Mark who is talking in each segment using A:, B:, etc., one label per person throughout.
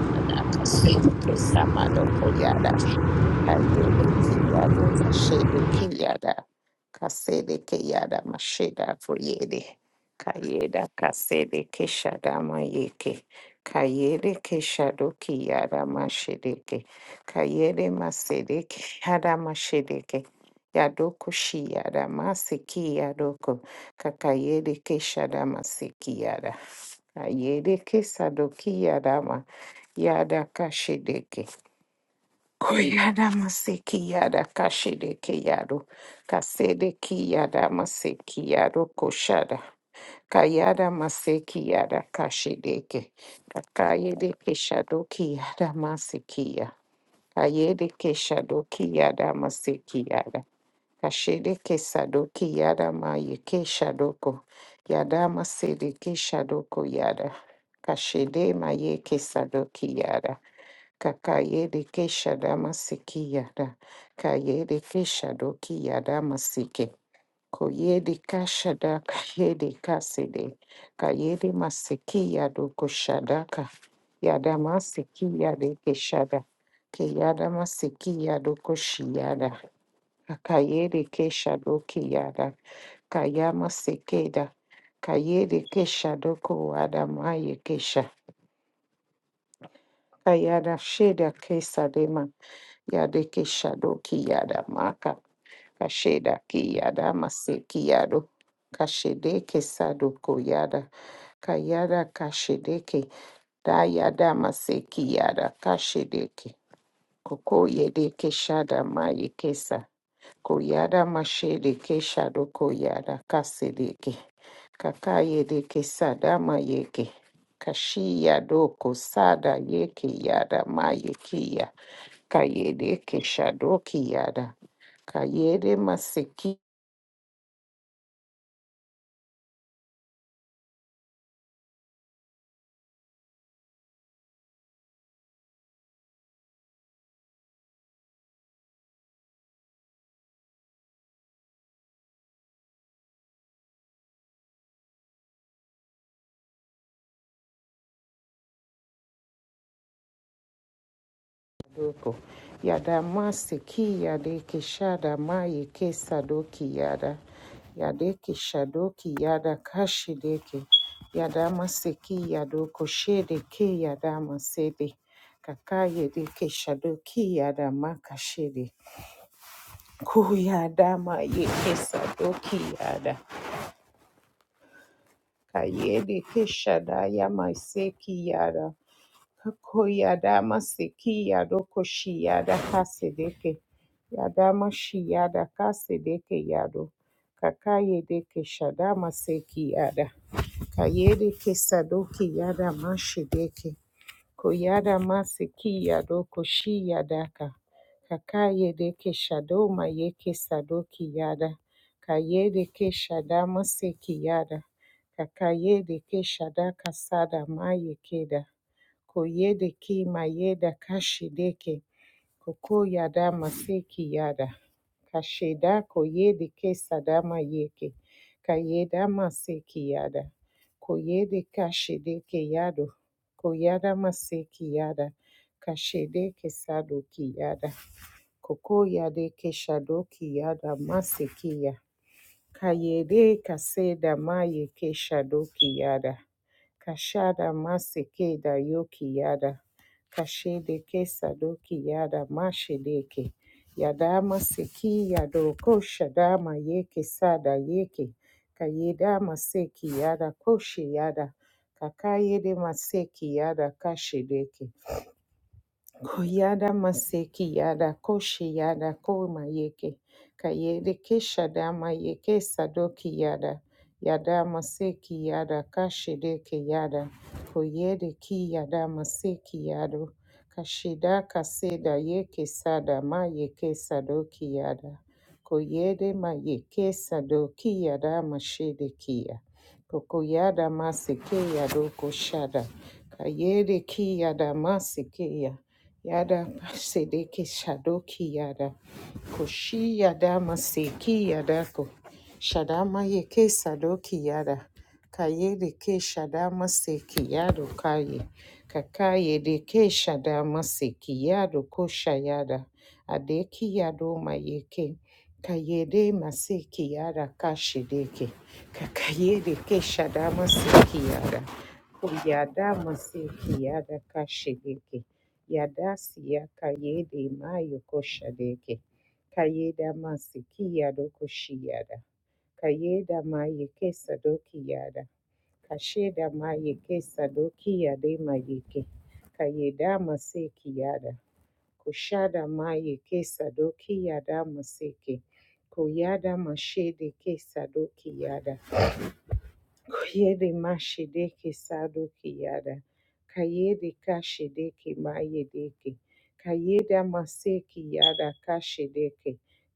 A: Yada kase kesamado koyada ayede kiyada mashede kiyada kasede kiyada masheda foyede kayeda kasede keshada mayeke Kayede ke shadama sikiyada. Kayede ke sadoki Yada kashedeke. Koyada maseki yada kashedeke yado. Kasedeki yada maseki yado koshada. Kayada maseki yada kashedeke. Kakayede keshadoki yada masekiya. Kayede keshadoki yada maseki yada. Kashedeke sadoki yada mayeke shadoko. Yada masedeke shadoko yada. Kashede mayeke sadoki yada. Kakayede kesha damasiki yada. Kayede kesha doki yada masike. Koyede kasha da kayede kasede. Kayede masiki yado koshadaka. Yada masiki yade keshada. Kiyada masiki yado koshiyada. Kakayede kesha doki yada. Kayama sekeda. Kayede kesha doko wada maye kesha. Kayada sheda kesa Yadeke Shado Kiyada Maka Kasheda Kiyada Mase Kiyado Kashedeke Sado Koyada Kayada Kashedeke Dayada Mase Kiyada Kashedeke Koko Yedeke Shada Mayekesa Koyada Mashede Keshado Koyada Kasedeke Kaka Yedeke Sada Mayeke Kashi Yadoko Sada Yeke Yada Mayekia Kayede Keshadoki Yada. Kayede Maseki Doko. Yada Maseki Yade Keshada Maye Kesadoki Yada. Yade Keshadoki Yada Kashideke. Yada Maseki Yadoko Shede Ke Yada Masede. Kakayede Keshadoki Yada Makashede. Kuyada Maye Kesadoki Yada. Kayede Keshada Yamaseki Yada. Koyada masiki yado koshi yada kasedeke. Yada mashi yada kasedeke yado. Kakayedeke shada maseki yada. Kayedeke sadoki yada mashideke. Koyada masiki yado koshi yadaka. Kakayedeke shado mayeke sadoki yada. Kayedeke shada maseki yada. Kakayedeke shada kasada mayekeda. Koyede ki mayeda kashideke. Koko yada maseki yada. Kasheda koyede ke sadama yeke. Kayeda maseki yada. Koyede kashideke yado. Koyada maseki yada. Kashedeke sadoki yada. Koko yade ke shadoki yada masekiya. Kayede kaseda maye ke shadoki yada. Kashada masike da yoki yada. Kashede ke sadoki yada mashedeke. Yada masiki yado koshada ma yeke sada yeke. Kayeda maseki yada koshi yada. Kakayede maseki yada kashedeke. Koyada maseki yada koshi yada koma yeke. Kayede kesha dama yeke sadoki yada. Yada maseki yada kashideke yada. Koyede ki yada maseki yado. Kashida kaseda yeke sada ma yeke sadoki yada. Koyede ma yeke sadoki yada mashede kia. Kokoyada maseke yado koshada. Kayede ki yada masekeya. Yada sedeke shadoki yada koshi yada maseki yada ko shadama yeke sadoki yada kaye deke shadama seki yado kaye kakaye deke shadama seki yado kosha yada adeki yado mayeke kaye de maseki yada kashideke kakaye deke shadama seki yada Kuyada maseki yada kashi deke Yadasia Kayede Mayo Koshadeke Kayeda Masiki Yado Koshiyada Kayeda Maye Kesadoki Yada Kasheda Maye Kesadoki Yade Mayeke Kayeda Maseki Yada Kushada Maye Kesadoki Yada Maseke Koyada Mashede kesa doki yada. Koyede mashedeke sadoki yada. Kayede kashedeke mayedeke. Kayeda maseki yada kashedeke.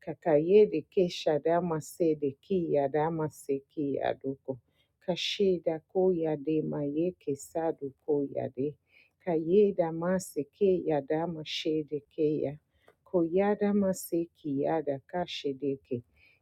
A: Kakayede keshada masede ki yada maseki yaduko. Kasheda koyade mayeke sadu koyade. Kayeda maseke yada mashedeke ya. Koyada maseki yada kashedeke.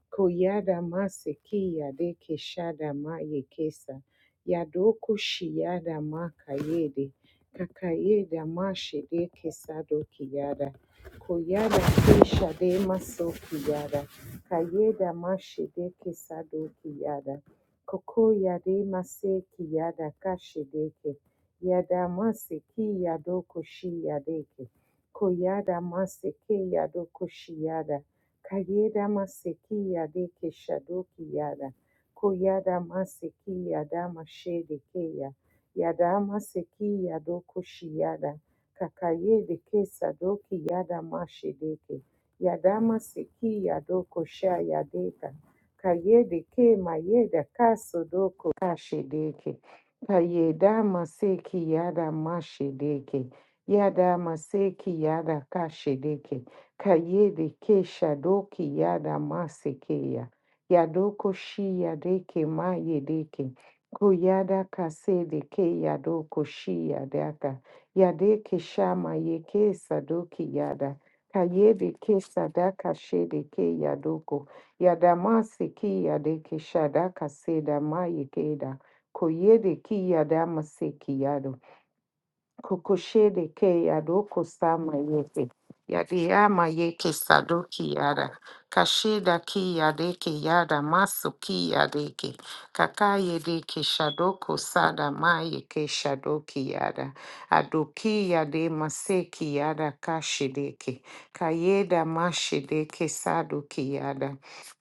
A: Koyada maseki yade keshada ma yekesa. Yadoku shiyada ma kayede. Kakayeda ma shede kesado kiyada. Koyada keshade maso kiyada. Kayeda ma shede kesado kiyada. Koko yade mase kiyada kashedeke. Yada maseki yadoku shiyadeke. Koyada maseki yadoku shiyada. Kayeda maseki yade keshadoki yada. Koyada maseki yada mashede keya. Yada maseki yado koshi yada. Kakayede kesadoki yada mashedeke. Yada maseki yado kosha yadeka. Kayede ke mayeda kasodoko kashedeke. Kayeda maseki yada mashedeke. Yada maseki yada kashedeke. Kayede kesha doki yada masekeya. Yadoko shia deke maye deke. Kuyada kasede ke yadoko shia daka. Yadeke shama yeke sadoki yada. Kayede kesa daka shede ke yadoko. Yadamase ki yadeke shadaka seda maye keda. Koyede ki yadamase ki yado. Kokoshede ke yadoko sama yete. Yadiyama yeke sadoki yada. Kashida ki yadeke yada masu ki yadeke. Kakayedeke shadoko sada mayeke shadoki yada. Adoki yade maseki yada kashideke. Kayeda mashideke sadoki yada.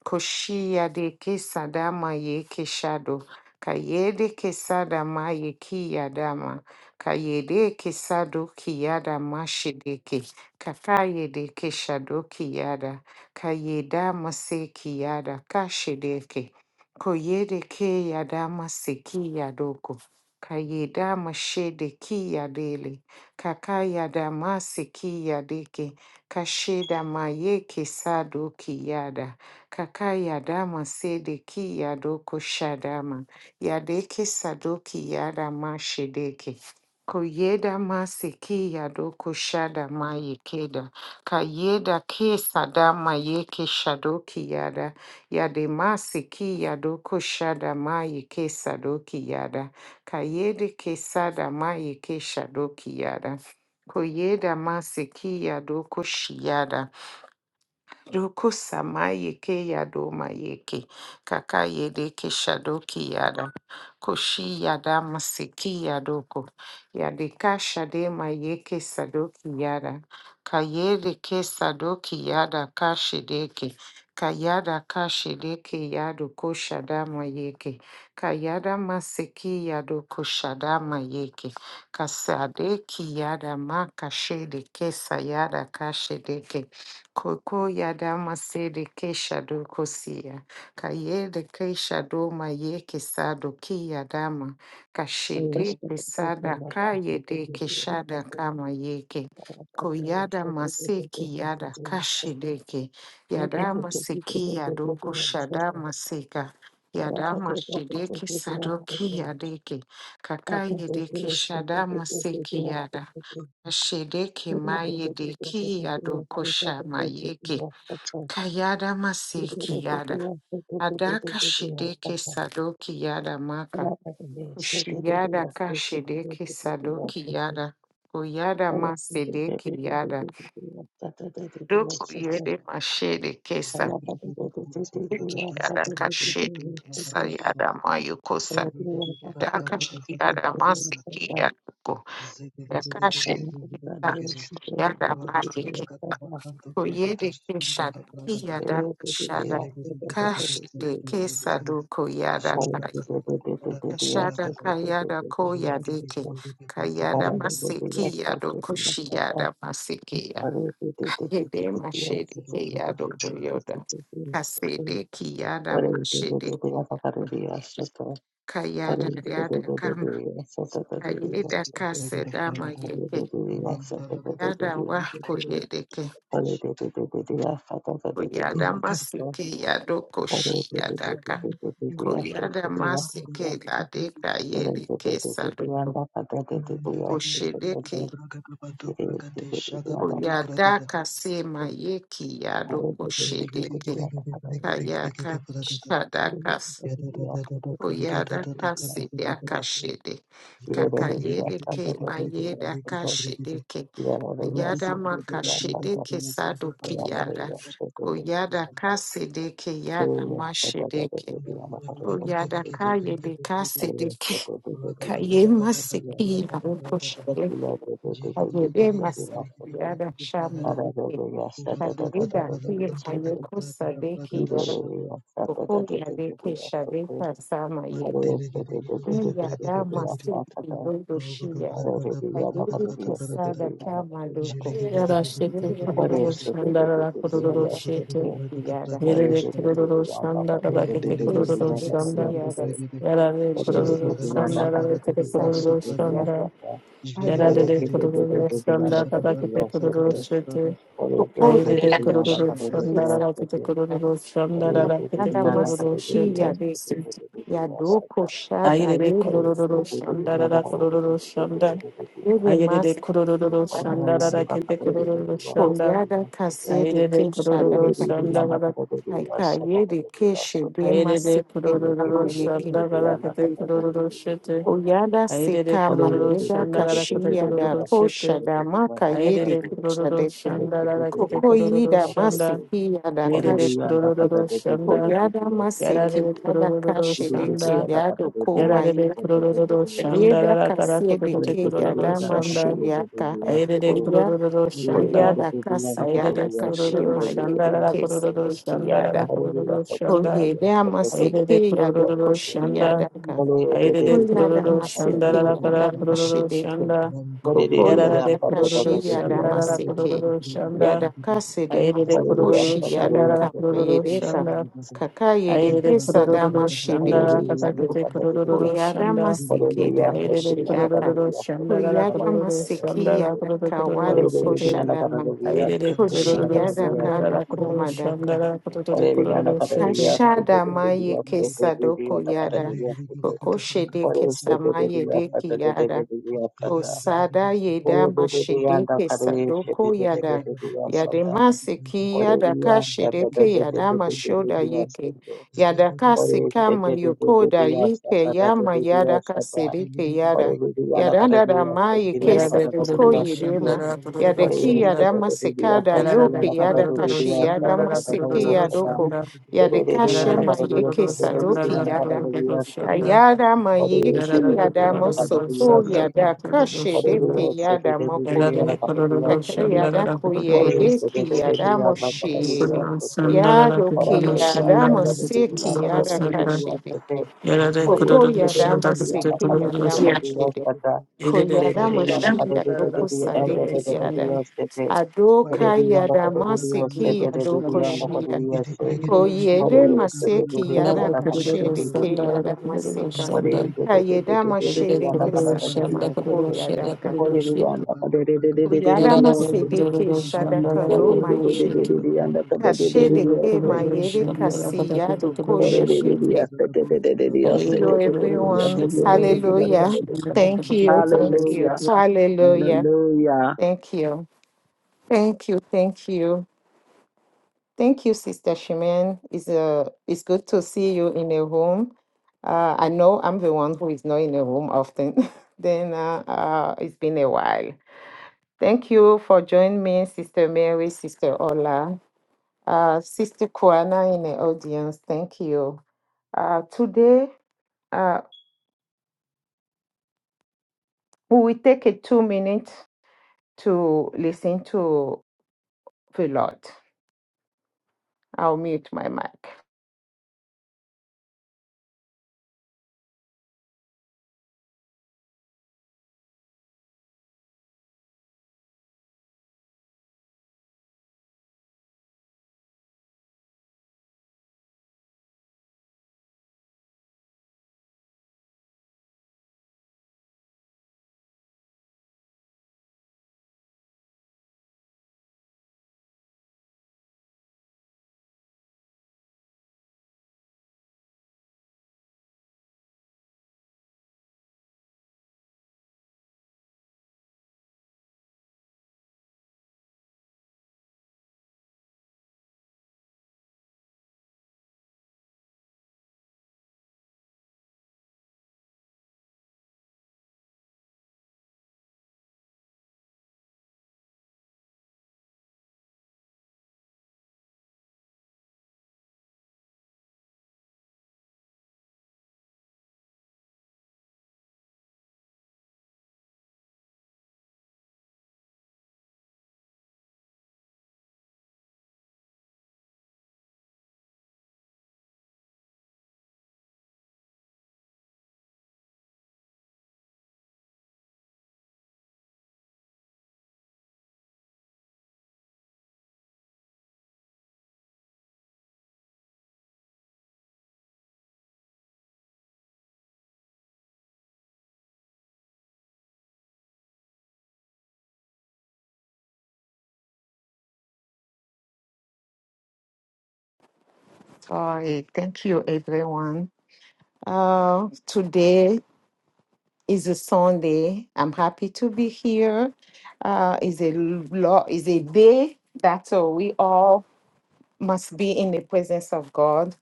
A: Koshi yadeke sadama yeke shado. Kayede ke sadama yeki yadama. Kayedeke sadoki yada mashideke. Kakayedeke shadoki yada. Kayeda maseki yada kashideke. Koyedeke yada maseki yadoko. Kayeda mashedeki yadele. Kakayada maseki yadeke. Kasheda mayeke sadoki yada. Kakayada masedeki yadoko shadama. Yadeke sadoki yada mashedeke. Koyeda masiki yado kushada mayekeda. Kayeda kesada mayeke shadoki yada. Yade masiki yado kushada mayeke sadoki yada. Kayede kesada mayeke shadoki yada. Koyeda masiki yado kushiyada. Dukusa mayeke yado mayeke. Kaka yedeke shadoki yada. Koshi yada masiki yadoko. Yadeka shade mayeke sadoki yada. Kayedeke sadoki yada kashideke. Kayada kashideke yado koshada mayeke. Kayada masiki yado koshada mayeke. Kasadeki yada makashedeke sayada kashideke. Koko yada masede ke shado kosia. Kayede ke shado maye kesado ki yadama. Kashede kesada kayede keshada kama yeke. Koyada maseki yada kashideke. Yadama seki yadoko shadama seka. Yadama shideke sadoki yadeke. Kakayedeke shadama seki yada. Shedeki maye deki adokosha mayeke kayada maseki yada adaka shedeke sadoki yada maka kushiyada ka shedeke sadoki yada kuyada masedeki yada
B: Zebra
A: doku yede mashede kesa deki yada ka shede kesa yada mayukosa adaka shiyada maseki yada ko yaka shedeki yada Koyede Keshad Kiyada Kashada Kash de Kesadu Koyada Kashada Kayada Koyadeke Kayada Masiki Yado Koshiyada Masikiya Hede Mashede Kiyado Koyoda Kasede Kiyada Mashede Kayada Yada Kama Kayeda Kasedama Yeke
B: Mandiligidi
A: Yada Wako Yedeke Koyada Masiki Yado Koshiyadaka Koyada masike ladeka yeleke sadoko koko shedeke. Koyada kase mayeki yadoko shedeke. Kayaka shadakas. Koyada kase yaka shede. Kakayedeke mayeda kashedeke. Yada makashedeke sadoki yada. Koyada kase deke yada
B: Mandele
A: mashedeke. Koyada kayede kase deke. Kaye masiki barukoshele. Kaye masiki yada shamilike. Kaye da kuye hayoko sadeki yada koko yadeke shabeka sama yede. Kaye Yada masiki yodo shia. Kaye diki sada kama doko.
C: Yara shete
A: Yada
C: kororo
A: kaka
C: shandara la kororo
A: yada
C: shete.
A: seki yada.
C: Yere de kororo shandara la
A: Kusa dosi
C: shanda.
A: yada.
C: Yara de
A: Shida
C: kororo
A: masu
C: shandara kete
A: sadeki
C: kororo
A: yada.
C: shanda.
B: Thank
A: Ah,
C: Yara
A: yeah,
C: de
A: that's
C: de
A: it.
C: kororo
A: That much.
C: shanda kata kete kororo shete.
A: So, oh, oh,
C: Ayere
A: yeah,
C: de
A: that much.
C: kororo
A: Yes,
C: shandara
A: I
C: la kete
A: see that.
C: kororo shandara
A: And
C: la kete
A: another must say,
C: kororo
A: "Key, yeah,
C: shete.
A: they say,
C: Ayere de kororo shandara la kororo shanda. Ayere de kororo shandara la kete kororo shanda. Aire de Airede kurururu şanda kadar. de
A: yeah,
C: kurururu
A: do
C: shanda kadar kete kurururu şete.
A: Oyada
C: de
A: seka
C: kurururu
A: mayeda
C: shanda kadar kete
A: kashiyada
C: kurururu şete.
A: poshada makayede
C: de kurururu
A: kishade
C: shanda kadar kete kururu
A: Kokoyida
C: shanda.
A: masiki yada
C: Aire de
A: kashi deke.
C: kururu shanda.
A: Koyada masiki yada
C: kurururu
A: kashi deke
C: şanda.
A: yado koma
C: de kurururu
A: yida.
C: şanda. Yararede kurururu şanda. Yararede kurururu şanda
A: Yeda
C: kadar kadar
A: kasiye
C: kurururu
A: deke yada
C: kurururu de
A: mashi yada.
C: Airede
A: Koya
C: shanda şanda.
A: koyada kasi
C: Airede
A: yada kashi
C: kurururu
A: ma
C: şanda
A: yede
C: kadar
A: kesa
C: kurururu
A: doki
C: şanda kadar
A: yada.
C: kurururu shanda.
A: Koyeda
C: Ayedede
A: masiki yado
C: kururu
A: koshi
C: shanda,
A: yada
C: ayedede
A: Koyada
C: kururu shanda
A: maseke
C: la la kara
A: yada
C: kururu
A: mashedeke.
C: shanda,
A: Koko
C: yarara de
A: yada
C: kururu
A: kashi yada
C: shanda la la
A: maseke.
C: kururu shanda,
A: Yada kase de
C: ayedede
A: mayo
C: kururu
A: koshi yada
C: shanda la la
A: kama
C: kururu
A: yedeka.
C: shanda,
A: Kaka yede
C: ayedede
A: pesa da
C: kururu shanda la
A: mashedeki
C: kata
A: yado.
C: kete kururu
A: Koyada
C: shanda,
A: maseke da
C: ayedede
A: mashedaka.
C: kururu shanda la la
A: Koyada
C: kururu
A: maseke
C: shanda la
A: yada
C: kururu kururu
A: kawado
C: shete,
A: koshadama.
C: ayedede
A: Koshi
C: kururu
A: yada
C: shanda la
A: kalo
C: la kururu
A: komadaka.
C: shanda la kururu kururu shete,
A: Ashada maye
B: you.
A: kesa doko yada. koko shede kesa maye deki ki yada. Osada yeda mashedeke sadoko yada yade masiki yada kashedeke yada mashoda yeke yada kasika mayokoda
B: Thank
A: yeke yama yada kasedeke yada yada dada ma yeke
C: Yarare
A: sadoko
C: kururu
A: yedema
C: shanda, kururu
A: yade ki
C: shanda.
A: yada masekada yoke
C: Yarare
A: yada
C: kururu
A: kashi yada
C: shanda,
A: masiki
C: kururu
A: yadoko
C: shanda.
A: yade kashe
C: Yarare
A: ma yeke
C: kururu shanda, kururu shanda. Yarare
A: sadoki
C: kururu
A: yada
C: shanda, kururu shanda.
A: Ayada mayeki
C: Yarare
A: yada
B: Mandele
C: kururu
A: mosoko
C: shanda,
A: yada
C: kururu
A: kashe deke
C: shanda.
A: yada
C: Kururu shanda, kururu shanda. Kururu shanda. Yarare
A: mokoya.
C: kururu
A: Taka
C: shanda,
A: yada
C: kururu shanda.
A: koye deki yada moshiyede. Yado ki yada moseki yada kashe deke.
C: Yarare
A: Boko
C: kururu
A: yada moseki yada
C: shanda,
A: moshede. Koyada moshiya doko
C: kururu
A: sadeke yada.
C: shanda.
A: Adoka yada
C: Uh,
A: moseki yado koshiya. Koyede maseki yada kashe deke yada moseka. Kayedama Shedeke
B: Ragada banda ragada
A: Sakamako
B: bala gada
A: Yadaka.
B: banda ragada banda ragada
A: Uyadama Sedeke
B: Blessings,
A: Shadaka Roma Yeke. Kashedeke Mayede Kasiyado Koshadeke. Thank you, everyone. Hallelujah. Thank you. Thank you. Hallelujah. Thank you. Thank you. Thank you. Thank you, Sister Shimen. It's, uh, it's good to see you in a room. Uh, I know I'm the one who is not in a room often. then uh, uh, it's been a while. Thank you for joining me, Sister Mary, Sister Ola, uh, Sister Kuana in the audience. Thank you. Uh, today, uh, we will take a two minutes to listen to the Lord. I'll mute my mic. Sorry. Thank you, everyone. Uh, today is a Sunday. I'm happy to be here. Uh, is a law is a day that uh, we all must be in the presence of God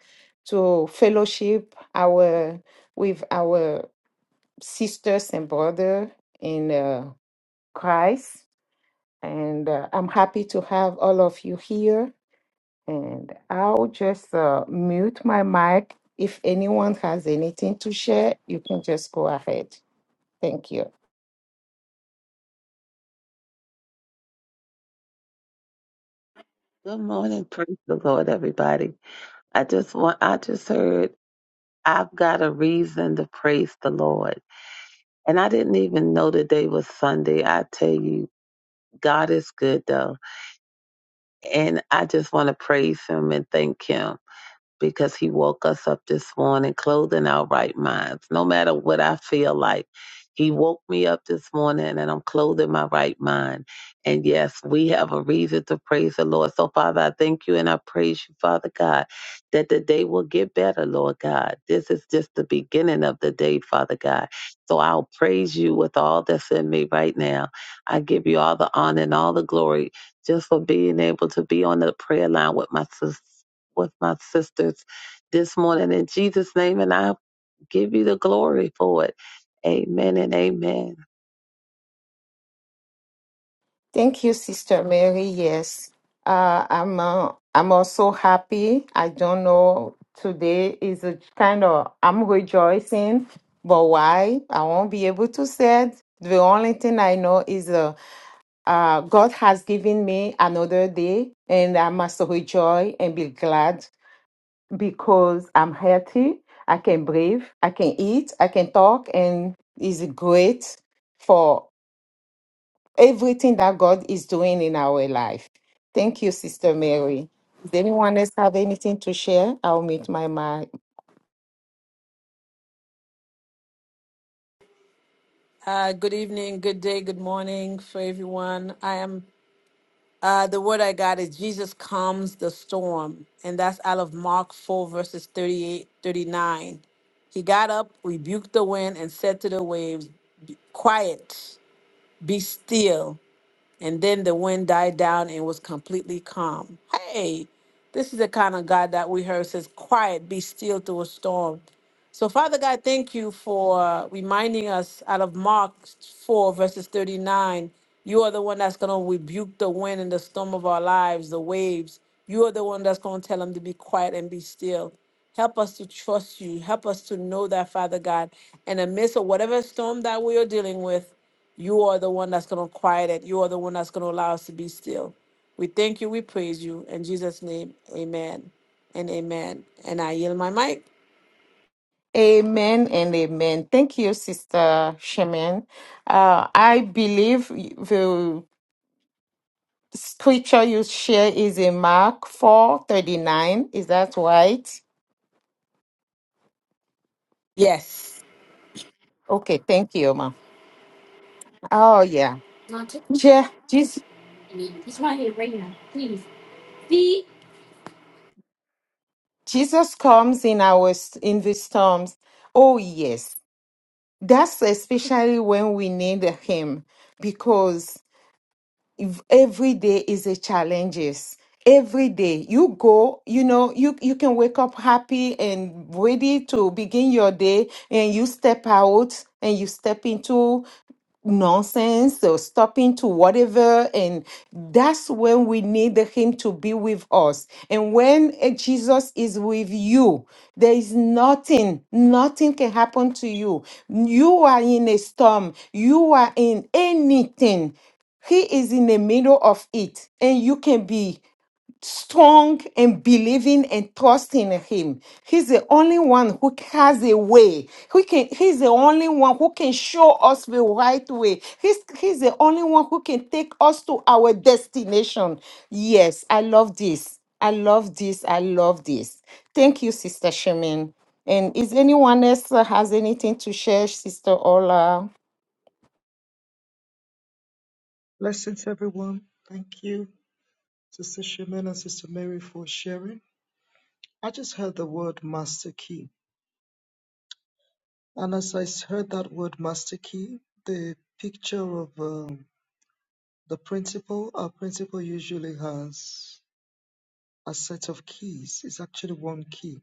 A: to fellowship our with our sisters and brother in uh, Christ. And uh, I'm happy to have all of you here. And I'll just uh, mute my mic. If anyone has anything to share, you can just go ahead. Thank you.
D: I do it.
A: Thank you, Sister Mary. Yes, uh, I'm. Uh, I'm also happy. I don't know. Today is a kind of. I'm rejoicing, but why? I won't be able to say. It. The only thing I know is uh, uh, God has given me another day, and I must rejoice and be glad because I'm healthy. I can breathe. I can eat. I can talk, and it's great for everything that God is doing in our life. Thank you, Sister Mary. Does anyone else have anything to share? I'll meet my mic.
C: good evening, good day, good morning for everyone. I am Uh, the word I got is Jesus calms the storm, and that's out of Mark 4, verses 38, 39. He got up, rebuked the wind, and said to the waves, Quiet, be still. And then the wind died down and was completely calm. Hey, this is the kind of God that we heard says, Quiet, be still to a storm. So, Father God, thank you for reminding us out of Mark 4, verses 39. You are the one that's going to rebuke the wind and the storm of our lives, the waves. You are the one that's going to tell them to be quiet and be still. Help us to trust you. Help us to know that, Father God, in the midst of whatever storm that we are dealing with, you are the one that's going to quiet it. You are the one that's going to allow us to be still. We thank you. We praise you. In Jesus' name, amen and amen. And I yield my mic.
A: Amen and amen. Thank you, Sister Shemin. Uh, I believe the scripture you share is in Mark four thirty nine. Is that right?
C: Yes.
A: Okay, thank you, Ma. Oh, yeah.
C: Not to
A: Je- Jesus,
C: me. He's not here right now. Please. See?
A: Jesus comes in our in the storms. Oh, yes. That's especially when we need him because if every day is a challenges every day you go you know you you can wake up happy and ready to begin your day and you step out and you step into nonsense or stopping to whatever and that's when we need the him to be with us and when eh, jesus is with you there is nothing nothing can happen to you you are in a storm you are in anything he is in the middle of it, and you can be strong and believing and trusting in him. He's the only one who has a way. Who can he's the only one who can show us the right way. He's he's the only one who can take us to our destination. Yes, I love this. I love this. I love this. Thank you, Sister Shemin. And is anyone else uh, has anything to share, Sister Ola?
B: everyone. Thank you, Sister Shimon and Sister Mary, for sharing. I just heard the word master key. And as I s- heard that word master key, the picture of um, the principal, our principal usually has a set of keys. It's actually one key.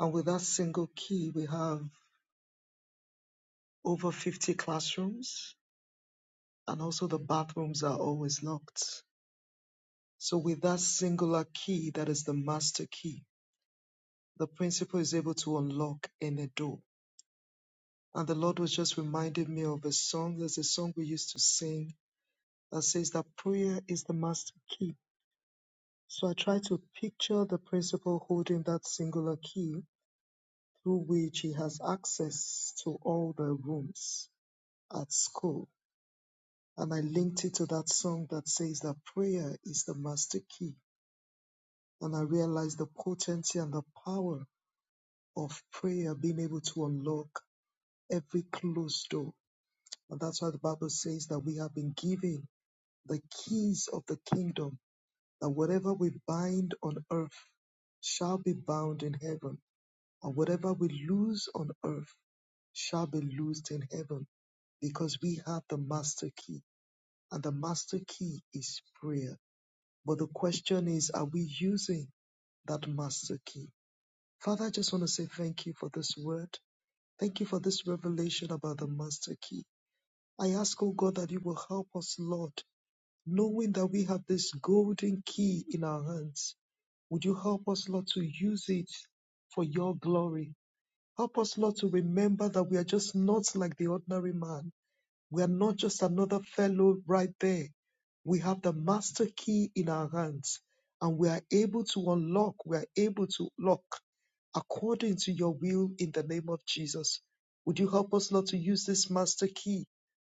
B: And with that single key, we have over 50 classrooms, and also the bathrooms are always locked. So, with that singular key, that is the master key, the principal is able to unlock any door. And the Lord was just reminding me of a song. There's a song we used to sing that says that prayer is the master key. So, I try to picture the principal holding that singular key through which he has access to all the rooms at school And I linked it to that song that says that prayer is the master key. And I realized the potency and the power of prayer being able to unlock every closed door. And that's why the Bible says that we have been given the keys of the kingdom, that whatever we bind on earth shall be bound in heaven, and whatever we lose on earth shall be loosed in heaven because we have the master key, and the master key is prayer. But the question is, are we using that master key? Father, I just want to say thank you for this word. Thank you for this revelation about the master key. I ask, oh God, that you will help us, Lord, knowing that we have this golden key in our hands. Would you help us, Lord, to use it for your glory? Help us, Lord, to remember that we are just not like the ordinary man we are not just another fellow right there. We have the master key in our hands and we are able to unlock, we are able to lock according to your will in the name of Jesus. Would you help us, Lord, to use this master key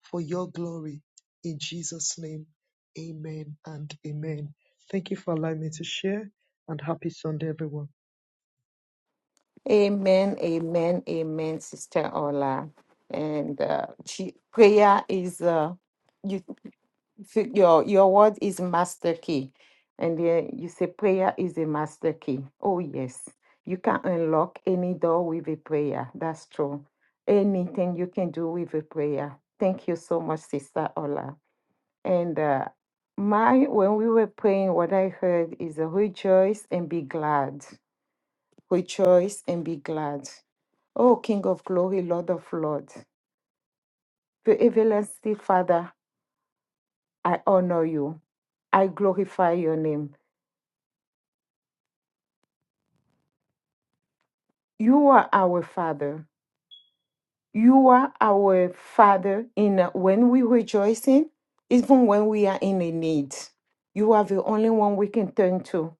B: for your glory in Jesus' name? Amen and amen. Thank you for allowing me to share and happy Sunday, everyone.
A: Amen, amen, amen, Sister Ola. And uh, she, prayer is uh, you, f- your your word is master key, and uh, you say prayer is a master key. Oh yes, you can unlock any door with a prayer. That's true. Anything you can do with a prayer. Thank you so much, Sister Ola. And uh, my when we were praying, what I heard is uh, rejoice and be glad. Rejoice and be glad O King of glory, Lord of lords, the everlasting Father, I honor you. I glorify your name. You are our Father. You are our Father in uh, when we rejoicing, even when we are in a need. You are the only one we can turn to.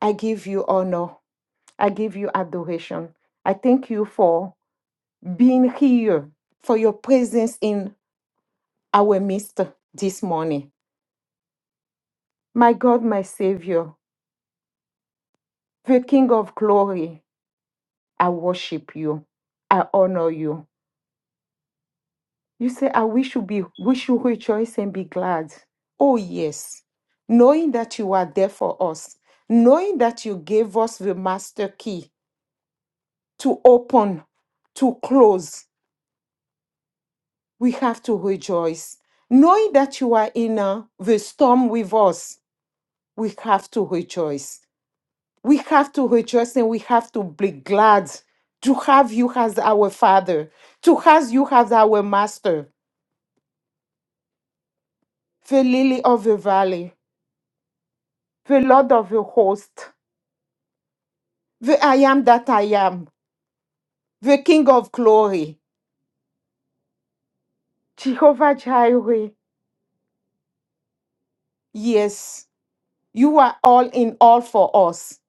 A: I give you honor. I give you adoration. I thank you for being here, for your presence in our midst this morning. My God, my Savior, The King of glory, I worship you. I honor you. You say, I wish you be, we should rejoice and be glad. Oh, yes. Knowing that you are there for us, knowing that you gave us the master key to open, to close, we have to rejoice. Knowing that you are in uh, the storm with us, we have to rejoice We have to rejoice and we have to be glad to have you as our Father, to have you as our Master, the Lily of the Valley, the Lord of the Host, the I am that I am, the King of Glory, Jehovah Jireh. Yes, you are all in all for us.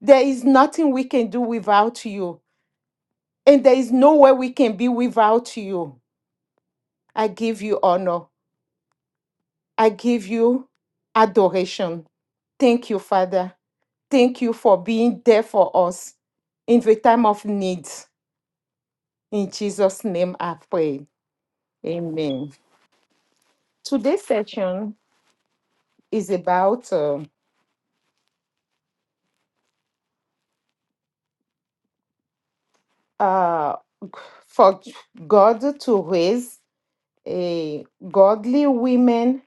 A: There is nothing we can do without you, and there is nowhere we can be without you. I give you honor. I give you adoration. Thank you, Father. Thank you for being there for us in the time of need. In Jesus' name I pray. Amen. Today's session is about uh, uh, for God to raise a godly women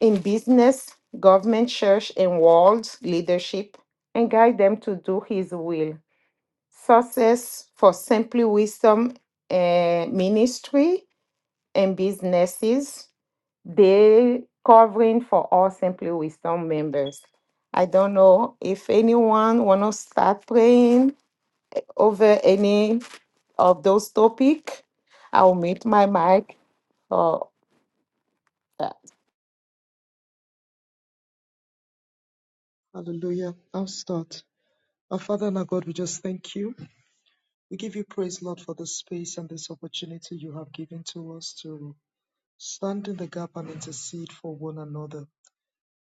A: in business, government, church, and world leadership and guide them to do His will. Success for Simply Wisdom uh, Ministry and businesses They covering for all Simply Wisdom members. I don't know if anyone want to start praying over any of those topic. I'll mute my mic. Or
B: Hallelujah. I'll start. Our Father and our God, we just thank you. We give you praise, Lord, for this space and this opportunity you have given to us to stand in the gap and intercede for one another.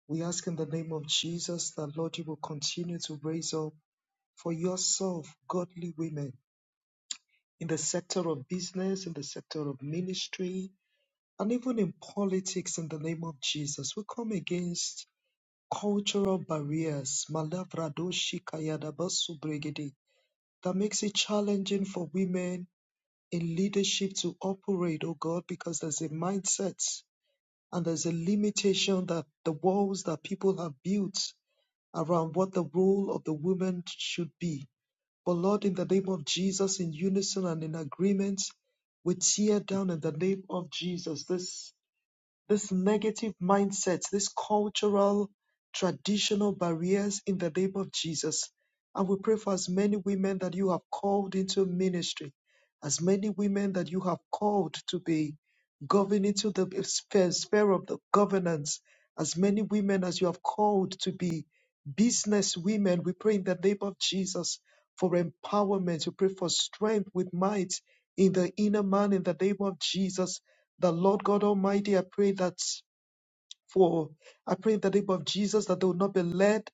B: We ask in the name of Jesus that, Lord, you will continue to raise up for yourself godly women in the sector of business, in the sector of ministry, and even in politics in the name of Jesus. We come against cultural barriers, malavradoshi kayadabasu bregede, that makes it challenging for women a leadership to operate, oh God, because there's a mindset and there's a limitation that the walls that people have built around what the role of the woman should be. But Lord, in the name of Jesus, in unison and in agreement, we tear down in the name of Jesus this this negative mindsets, these cultural, traditional barriers in the name of Jesus. And we pray for as many women that you have called into ministry, as many women that you have called to be governed into the sphere, sphere of the governance, as many women as you have called to be business women. We pray in the name of Jesus for empowerment. We pray for strength with might in the inner man in the name of Jesus. The Lord God Almighty, I pray that for, I pray in the name of Jesus that they will not be led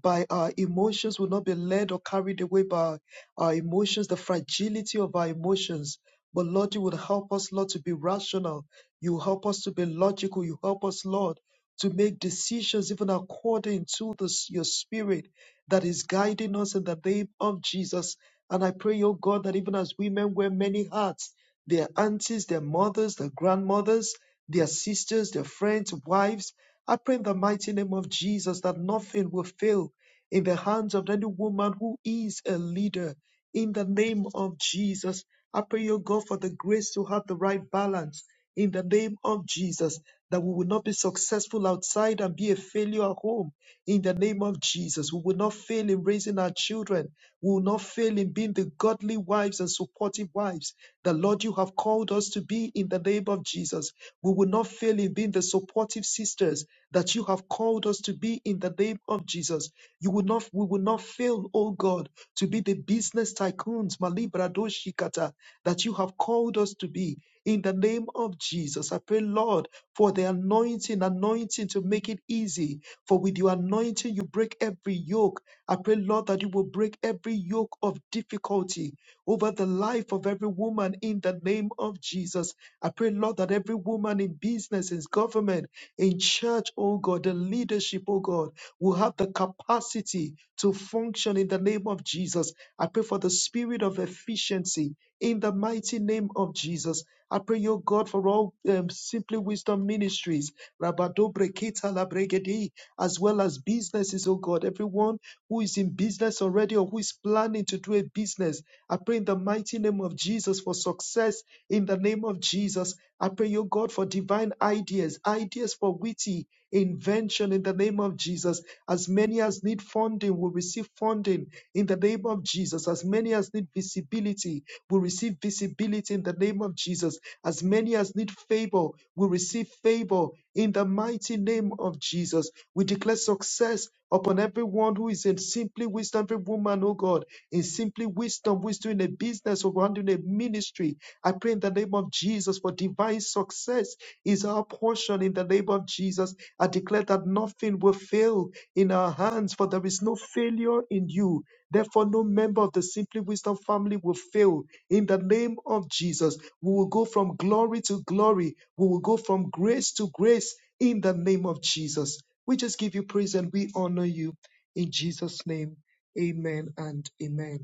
B: by our emotions, will not be led or carried away by our emotions, the fragility of our emotions. But Lord, you will help us, Lord, to be rational. You help us to be logical. You help us, Lord, to make decisions even according to this, your spirit that is guiding us in the name of Jesus. And I pray, oh God, that even as women wear many hats, their aunties, their mothers, their grandmothers, their sisters, their friends, wives, I pray in the mighty name of Jesus that nothing will fail in the hands of any woman who is a leader in the name of Jesus. I pray, oh God, for the grace to have the right balance in the name of Jesus, that we will not be successful outside and be a failure at home in the name of Jesus. We will not fail in raising our children. We will not fail in being the godly wives and supportive wives that, Lord, you have called us to be in the name of Jesus. We will not fail in being the supportive sisters sisters that you have called us to be in the name of Jesus. You will not, we will not fail, oh God, to be the business tycoons, Malibradoshikata, that you have called us to be in the name of Jesus. I pray, Lord, for the anointing, anointing to make it easy. For with your anointing, you break every yoke. I pray, Lord, that you will break every yoke of difficulty over the life of every woman in the name of Jesus. I pray, Lord, that every woman in business, in government, in church, oh God, the leadership, oh God, will have the capacity to function in the name of Jesus. I pray for the spirit of efficiency in the mighty name of Jesus. I pray, O God, for all um, Simply Wisdom ministries, Rabadobre Kita Labregedi, as well as businesses, O God. Everyone who is in business already or who is planning to do a business, I pray in the mighty name of Jesus for success in the name of Jesus. I pray, O God, for divine ideas, ideas for witty invention in the name of Jesus. As many as need funding will receive funding in the name of Jesus. As many as need visibility will receive visibility in the name of Jesus. As many as need favor will receive favor in the mighty name of Jesus. We declare success upon everyone who is in simply wisdom, every woman, oh God, in simply wisdom, wisdom in a business or doing a ministry. I pray in the name of Jesus for divine success is our portion in the name of Jesus. I declare that nothing will fail in our hands, for there is no failure in you. Therefore, no member of the Simply Wisdom family will fail. In the name of Jesus, we will go from glory to glory. We will go from grace to grace in the name of Jesus. We just give you praise and we honor you. In Jesus' name, amen and amen.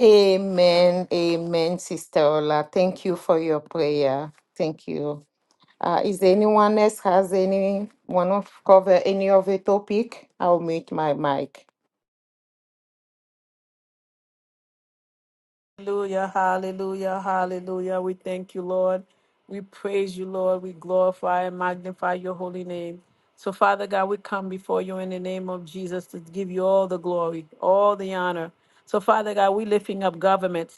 A: amen, amen, Sister Ola. Thank you for your prayer. Thank you. Uh, is there anyone else has any want to cover any of the topic? I'll mute my mic.
C: Hallelujah. Hallelujah. Hallelujah. We thank you, Lord. We praise you, Lord. We glorify and magnify your holy name. So, Father God, we come before you in the name of Jesus to give you all the glory, all the honor. So, Father God, we lifting up government.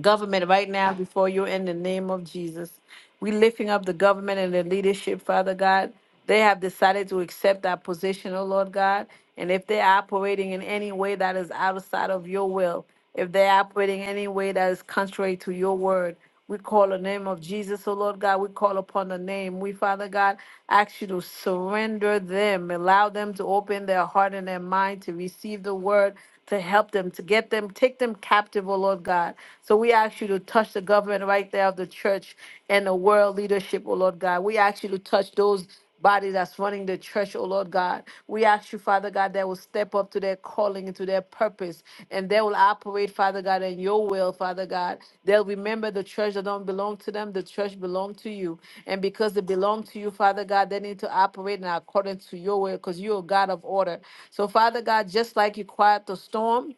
C: government right now before you in the name of Jesus. We lifting up the government and the leadership, Father God. They have decided to accept that position, oh Lord God. And if they're operating in any way that is outside of your will, if they're operating in any way that is contrary to your word, we call the name of Jesus, O Lord God. We call upon the name. We, Father God, ask you to surrender them. Allow them to open their heart and their mind to receive the word, to help them, to get them, take them captive, O Lord God. So we ask you to touch the government right there of the church and the world leadership, O Lord God. We ask you to touch those body that's running the church, oh Lord God. We ask you, Father God, that will step up to their calling and to their purpose, and they will operate, Father God, in your will, Father God. They'll remember the church that don't belong to them, the church belong to you. And because they belong to you, Father God, they need to operate in accordance to your will, because you're a God of order. So, Father God, just like you quiet the storm,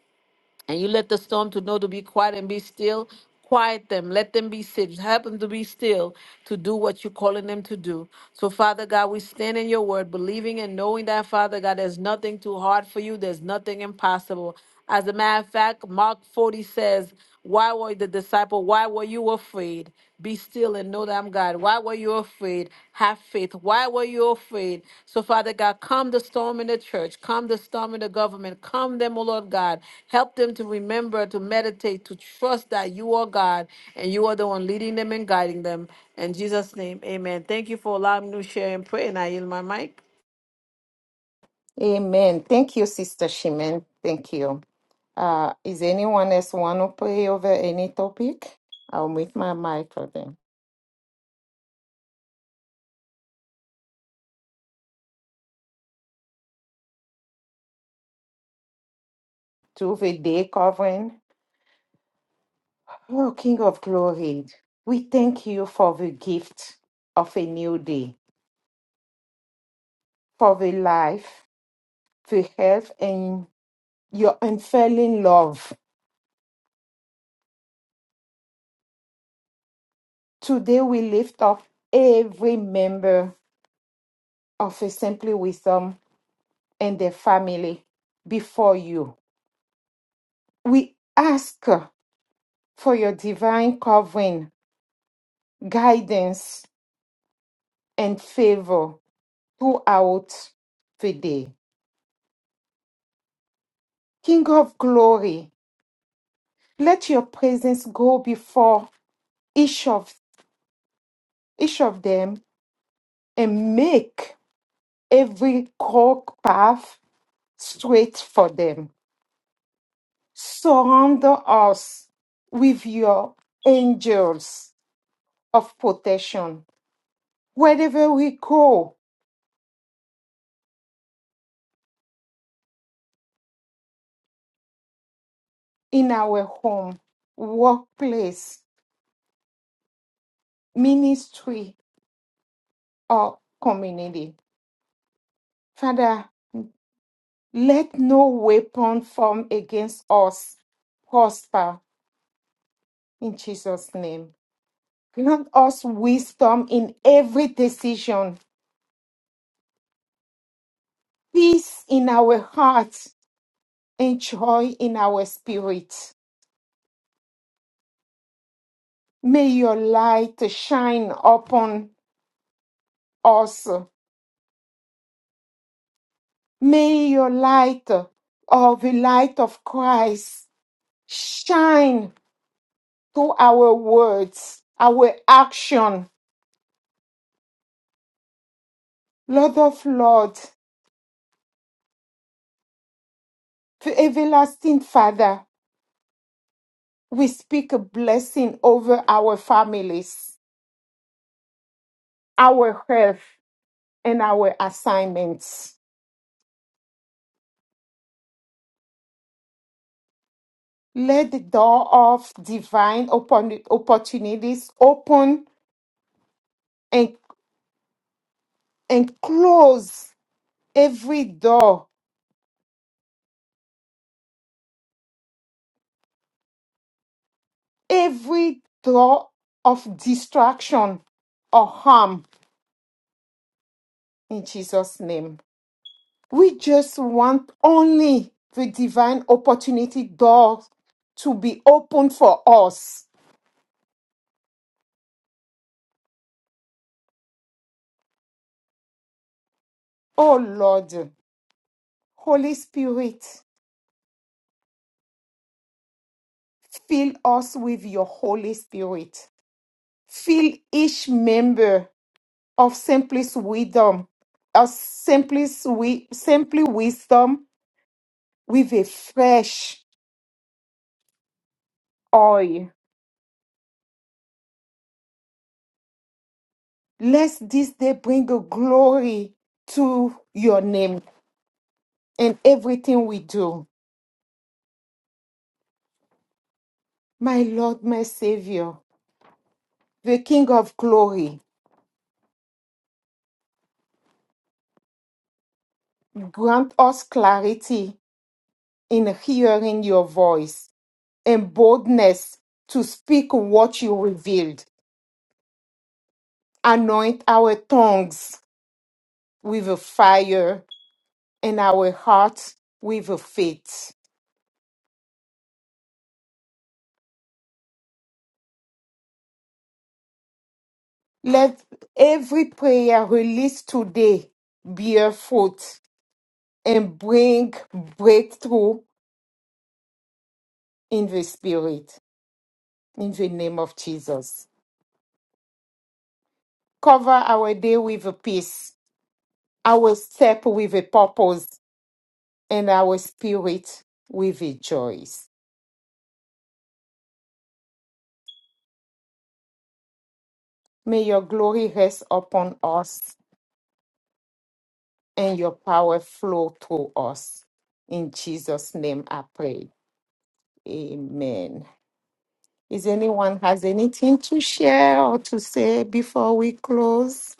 C: and you let the storm to know to be quiet and be still quiet them let them be still help them to be still to do what you're calling them to do so father god we stand in your word believing and knowing that father god there's nothing too hard for you there's nothing impossible as a matter of fact mark 40 says why were the disciple? Why were you afraid? Be still and know that I'm God. Why were you afraid? Have faith. Why were you afraid? So, Father God, calm the storm in the church, calm the storm in the government, calm them, O Lord God. Help them to remember, to meditate, to trust that you are God and you are the one leading them and guiding them. In Jesus' name, amen. Thank you for allowing me to share and pray, and I yield my mic.
A: Amen. Thank you, Sister Shimen. Thank you. Uh, is anyone else want to pray over any topic? I'll mute my mic for them. To the day covering, oh King of glory, we thank you for the gift of a new day, for the life, the health, and your unfailing love. Today we lift up every member of a Simply Wisdom and their family before you. We ask for your divine covering, guidance, and favor throughout the day. King of glory, let your presence go before each of each of them and make every crooked path straight for them. Surround us with your angels of protection. Wherever we go in our home, workplace, ministry, or community. Father, Let no weapon form against us prosper in Jesus' name. Grant us wisdom in every decision, peace in our hearts, and joy in our spirit. May your light shine upon us. May your light or the light of Christ shine through our words, our action. Lord of Lords, to everlasting Father, We speak a blessing over our families, our health, and our assignments. Let the door of divine oppor- opportunities open and, and close every door, every door of distraction or harm in Jesus' name. We just want only the divine opportunity door to be open for us. Oh Lord. Holy Spirit, fill us with your Holy Spirit. Fill each member of Simply Wisdom, of Simply, Wi- Simply Wisdom with a fresh oil. Let this day bring a glory to your name in everything we do. My Lord, my Savior, the King of glory, grant us clarity in hearing your voice and boldness to speak what you revealed. Anoint our tongues with a fire and our hearts with a faith. Let every prayer released today bear fruit and bring breakthrough in the spirit. In the name of Jesus. Cover our day with a peace, our step with a purpose, and our spirit with a joy. May your glory rest upon us and your power flow through us. In Jesus' name I pray. Amen. Is anyone has anything to share or to say before we close?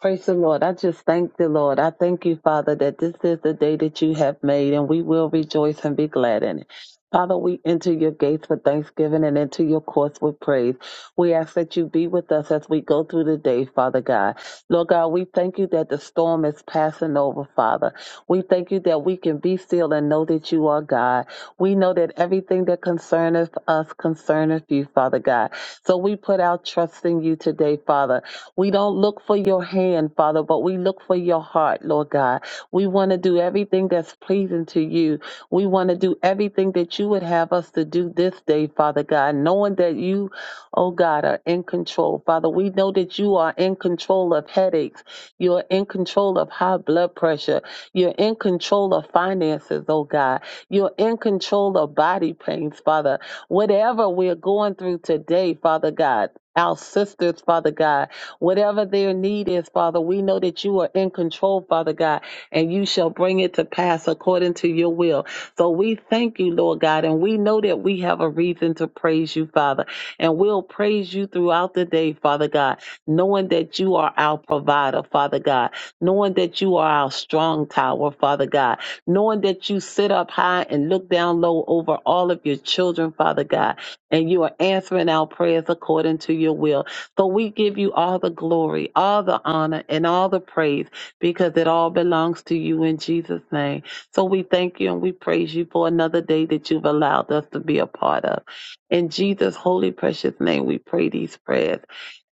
D: Praise the Lord. I just thank the Lord. I thank you, Father, that this is the day that you have made, and we will rejoice and be glad in it. Father, we enter your gates with thanksgiving and into your courts with praise. We ask that you be with us as we go through the day, Father God. Lord God, we thank you that the storm is passing over, Father. We thank you that we can be still and know that you are God. We know that everything that concerneth us concerneth you, Father God. So we put our trust in you today, Father. We don't look for your hand, Father, but we look for your heart, Lord God. We want to do everything that's pleasing to you. We want to do everything that you would have us to do this day, Father God, knowing that you, oh God, are in control. Father, we know that you are in control of headaches. You're in control of high blood pressure. You're in control of finances, oh God. You're in control of body pains, Father. Whatever we're going through today, Father God. Our sisters, Father God, Whatever their need is, Father, we know that you are in control, Father God, and you shall bring it to pass according to your will. So we thank you, Lord God, and we know that we have a reason to praise you, Father, and we'll praise you throughout the day, Father God, knowing that you are our provider, Father God, knowing that you are our strong tower, Father God, knowing that you sit up high and look down low over all of your children, Father God, and you are answering our prayers according to your will. But we give you all the glory, all the honor, and all the praise because it all belongs to you in Jesus' name. So we thank you and we praise you for another day that you've allowed us to be a part of. In Jesus' holy, precious name, we pray these prayers.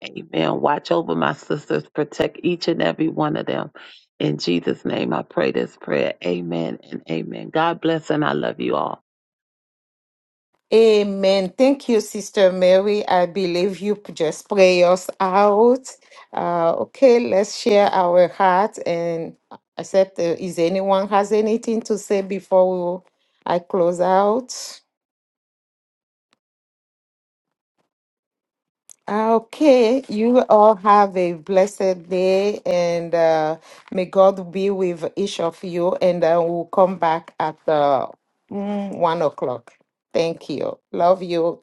D: Amen. Watch over my sisters, protect each and every one of them. In Jesus' name, I pray this prayer. Amen and amen. God bless and I love you all.
A: Amen. Thank you, Sister Mary. I believe you p- just pray us out. Uh, okay, let's share our heart and accept. Uh, is anyone has anything to say before we, I close out? Okay, you all have a blessed day, and uh, may God be with each of you. And uh, we'll come back at uh, mm, one o'clock. Thank you. Love you.